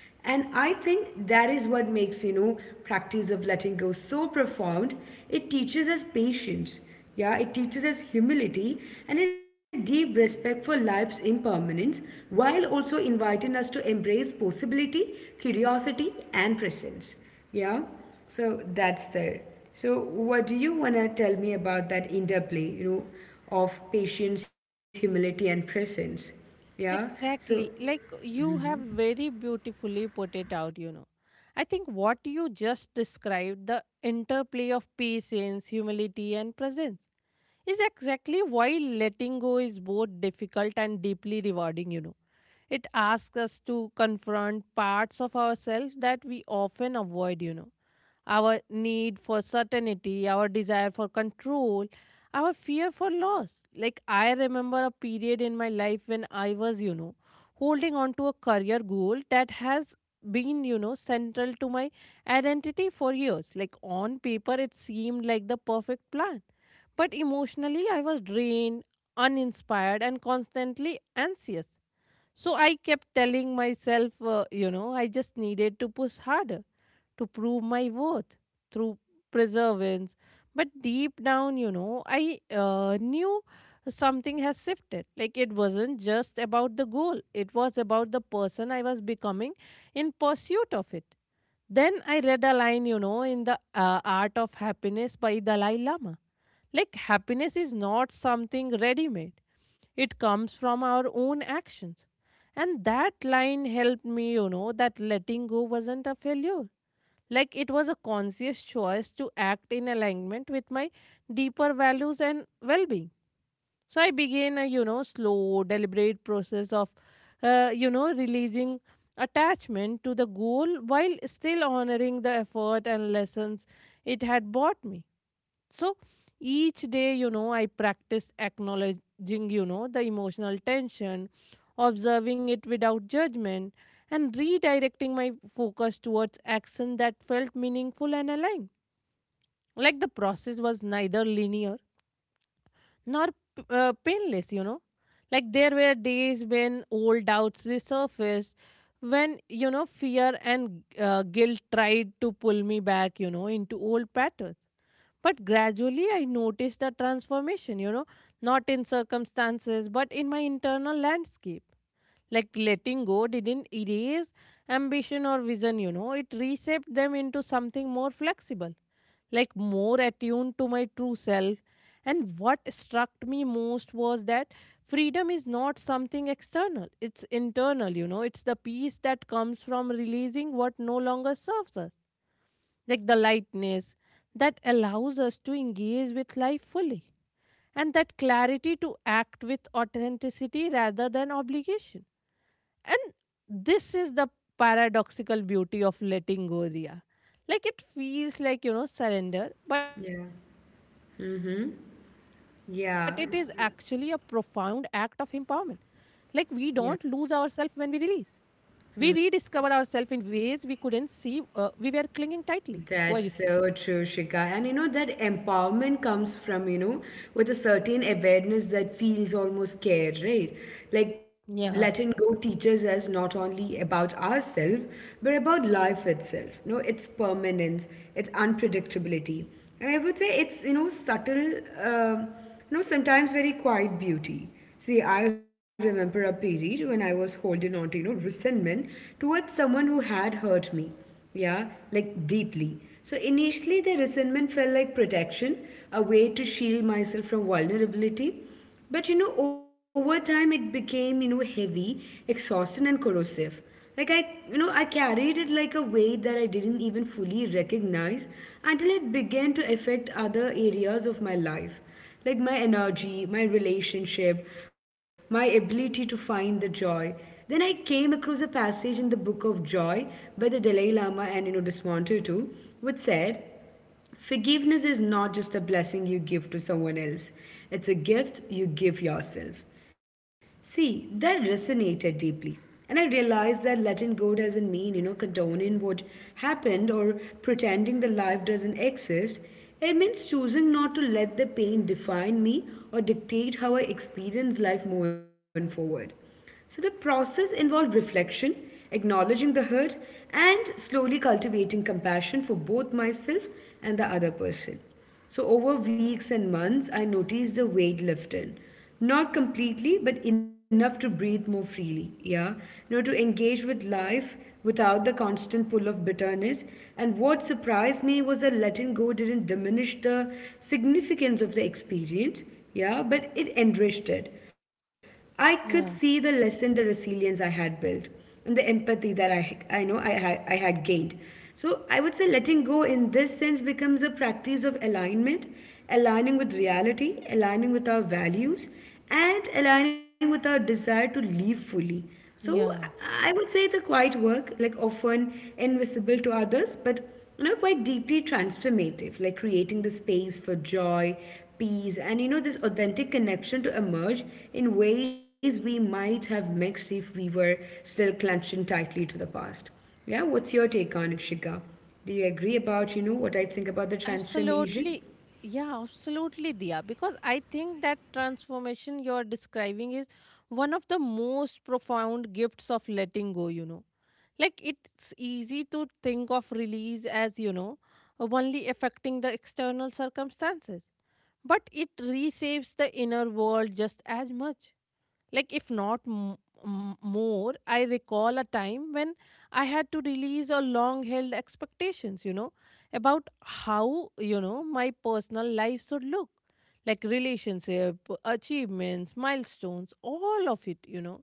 Speaker 1: And I think that is what makes, practice of letting go so profound. It teaches us patience. Yeah, it teaches us humility and a deep respect for life's impermanence while also inviting us to embrace possibility, curiosity, and presence. Yeah, so that's there. So, what do you want to tell me about that interplay, of patience, humility, and presence? Yeah, so,
Speaker 2: Exactly. Like you have very beautifully put it out, I think what you just described, the interplay of patience, humility, and presence, is exactly why letting go is both difficult and deeply rewarding, It asks us to confront parts of ourselves that we often avoid, our need for certainty, our desire for control, our fear for loss. Like, I remember a period in my life when I was, holding on to a career goal that has been, central to my identity for years. Like, on paper, it seemed like the perfect plan. But emotionally, I was drained, uninspired, and constantly anxious. So I kept telling myself, I just needed to push harder to prove my worth through perseverance. But deep down, I knew something has shifted. Like it wasn't just about the goal, it was about the person I was becoming in pursuit of it. Then I read a line, in the Art of Happiness by Dalai Lama. Like happiness is not something ready made, it comes from our own actions. And that line helped me, that letting go wasn't a failure, like it was a conscious choice to act in alignment with my deeper values and well being. So I began a, slow, deliberate process of, releasing attachment to the goal while still honoring the effort and lessons it had brought me. So each day, I practiced acknowledging, the emotional tension, observing it without judgment, and redirecting my focus towards action that felt meaningful and aligned. Like the process was neither linear nor painless, Like there were days when old doubts resurfaced, when, fear and guilt tried to pull me back, into old patterns. But gradually, I noticed the transformation, not in circumstances, but in my internal landscape. Like letting go didn't erase ambition or vision, it reshaped them into something more flexible, like more attuned to my true self. And what struck me most was that freedom is not something external, it's internal, it's the peace that comes from releasing what no longer serves us, like the lightness that allows us to engage with life fully, and that clarity to act with authenticity rather than obligation. And this is the paradoxical beauty of letting go, Ria. Like it feels like, surrender, but it is
Speaker 1: yeah,
Speaker 2: actually a profound act of empowerment.
Speaker 1: yeah.
Speaker 2: Like we don't lose ourselves when we release.
Speaker 1: Yeah,
Speaker 2: We rediscover ourselves in ways we couldn't see, we were clinging tightly. What do you
Speaker 1: that's
Speaker 2: say?
Speaker 1: so true, Shika. And you know, that empowerment comes from, with a certain awareness that feels almost care, right? Like letting
Speaker 2: Yeah.
Speaker 1: go teaches us not only about ourselves, but about life itself, its permanence, its unpredictability. And I would say it's, subtle, sometimes very quiet beauty. See, I remember a period when I was holding on to, resentment towards someone who had hurt me, yeah, like deeply. So initially, the resentment felt like protection, a way to shield myself from vulnerability. But over time, it became, heavy, exhausting, and corrosive. Like I carried it like a weight that I didn't even fully recognize until it began to affect other areas of my life, like my energy, my relationship, my ability to find the joy. Then I came across a passage in the Book of Joy by the Dalai Lama and you know Desmontu too, which said, forgiveness is not just a blessing you give to someone else, it's a gift you give yourself. See, that resonated deeply. And I realized that letting go doesn't mean, condoning what happened or pretending the life doesn't exist. It means choosing not to let the pain define me or dictate how I experience life moving forward. So the process involved reflection, acknowledging the hurt, and slowly cultivating compassion for both myself and the other person. So over weeks and months, I noticed the weight lifted. Not completely, but enough to breathe more freely. Yeah. You know, to engage with life without the constant pull of bitterness. And what surprised me was that letting go didn't diminish the significance of the experience. Yeah. But it enriched it. I could see the
Speaker 2: Yeah.
Speaker 1: lesson, the resilience I had built, and the empathy that I know I had gained. So I would say letting go in this sense becomes a practice of alignment, aligning with reality, aligning with our values, and aligning with our desire to live fully. So I
Speaker 2: Yeah.
Speaker 1: would say it's a quiet work, like often invisible to others, but quite deeply transformative, like creating the space for joy, peace, and this authentic connection to emerge in ways we might have mixed if we were still clutching tightly to the past. Yeah, what's your take on it, Shika? Do you agree about, what I think about the transformation?
Speaker 2: Absolutely. Yeah, absolutely, Diya. Because I think that transformation you're describing is one of the most profound gifts of letting go, Like, it's easy to think of release as, only affecting the external circumstances. But it reshapes the inner world just as much, like if not more. I recall a time when I had to release a long held expectations, about how, my personal life should look, like relationship, achievements, milestones, all of it,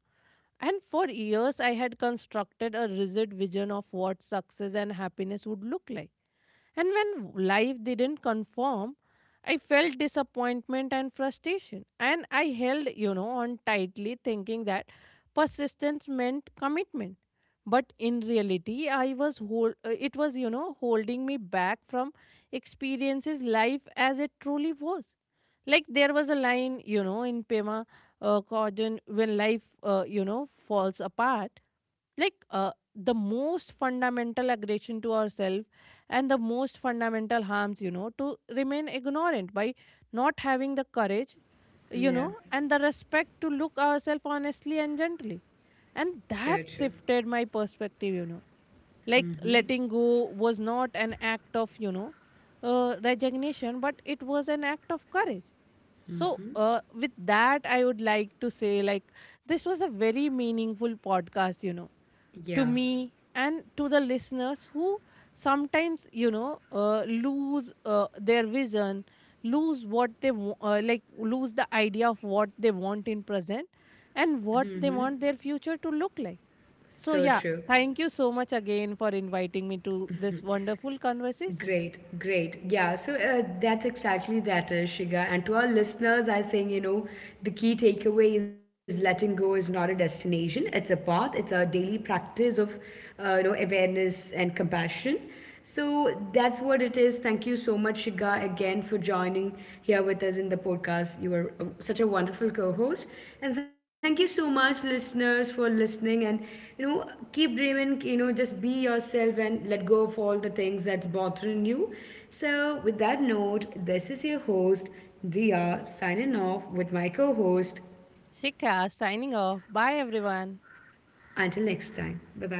Speaker 2: and for years I had constructed a rigid vision of what success and happiness would look like, and when life didn't conform, I felt disappointment and frustration. And I held, on tightly, thinking that persistence meant commitment. But in reality, it was, holding me back from experiences life as it truly was. Like there was a line, in Pema Chodron, when life, falls apart, like the most fundamental aggression to ourselves and the most fundamental harms, to remain ignorant by not having the courage,
Speaker 1: Yeah,
Speaker 2: and the respect to look ourselves honestly and gently. And
Speaker 1: so true.
Speaker 2: that shifted my perspective, letting go was not an act of, resignation, but it was an act of courage. So, with that I would like to say, like this was a very meaningful podcast,
Speaker 1: Yeah,
Speaker 2: to me and to the listeners who sometimes, lose their vision, lose what they lose the idea of what they want in present and what they want their future to look like.
Speaker 1: so
Speaker 2: So
Speaker 1: true.
Speaker 2: yeah, thank you so much again for inviting me to this wonderful conversation.
Speaker 1: Great, great. Yeah, so that's exactly that, Shiga. And to our listeners, I think, the key takeaway is letting go is not a destination, it's a path, it's a daily practice of, awareness and compassion. So that's what it is. Thank you so much, Shiga, again for joining here with us in the podcast. You are such a wonderful co host. And thank you so much, listeners, for listening. And you know keep dreaming, just be yourself and let go of all the things that's bothering you. So with that note, this is your host Dia signing off with my co-host.
Speaker 2: Shikha signing off. Bye everyone.
Speaker 1: Until next time, bye bye.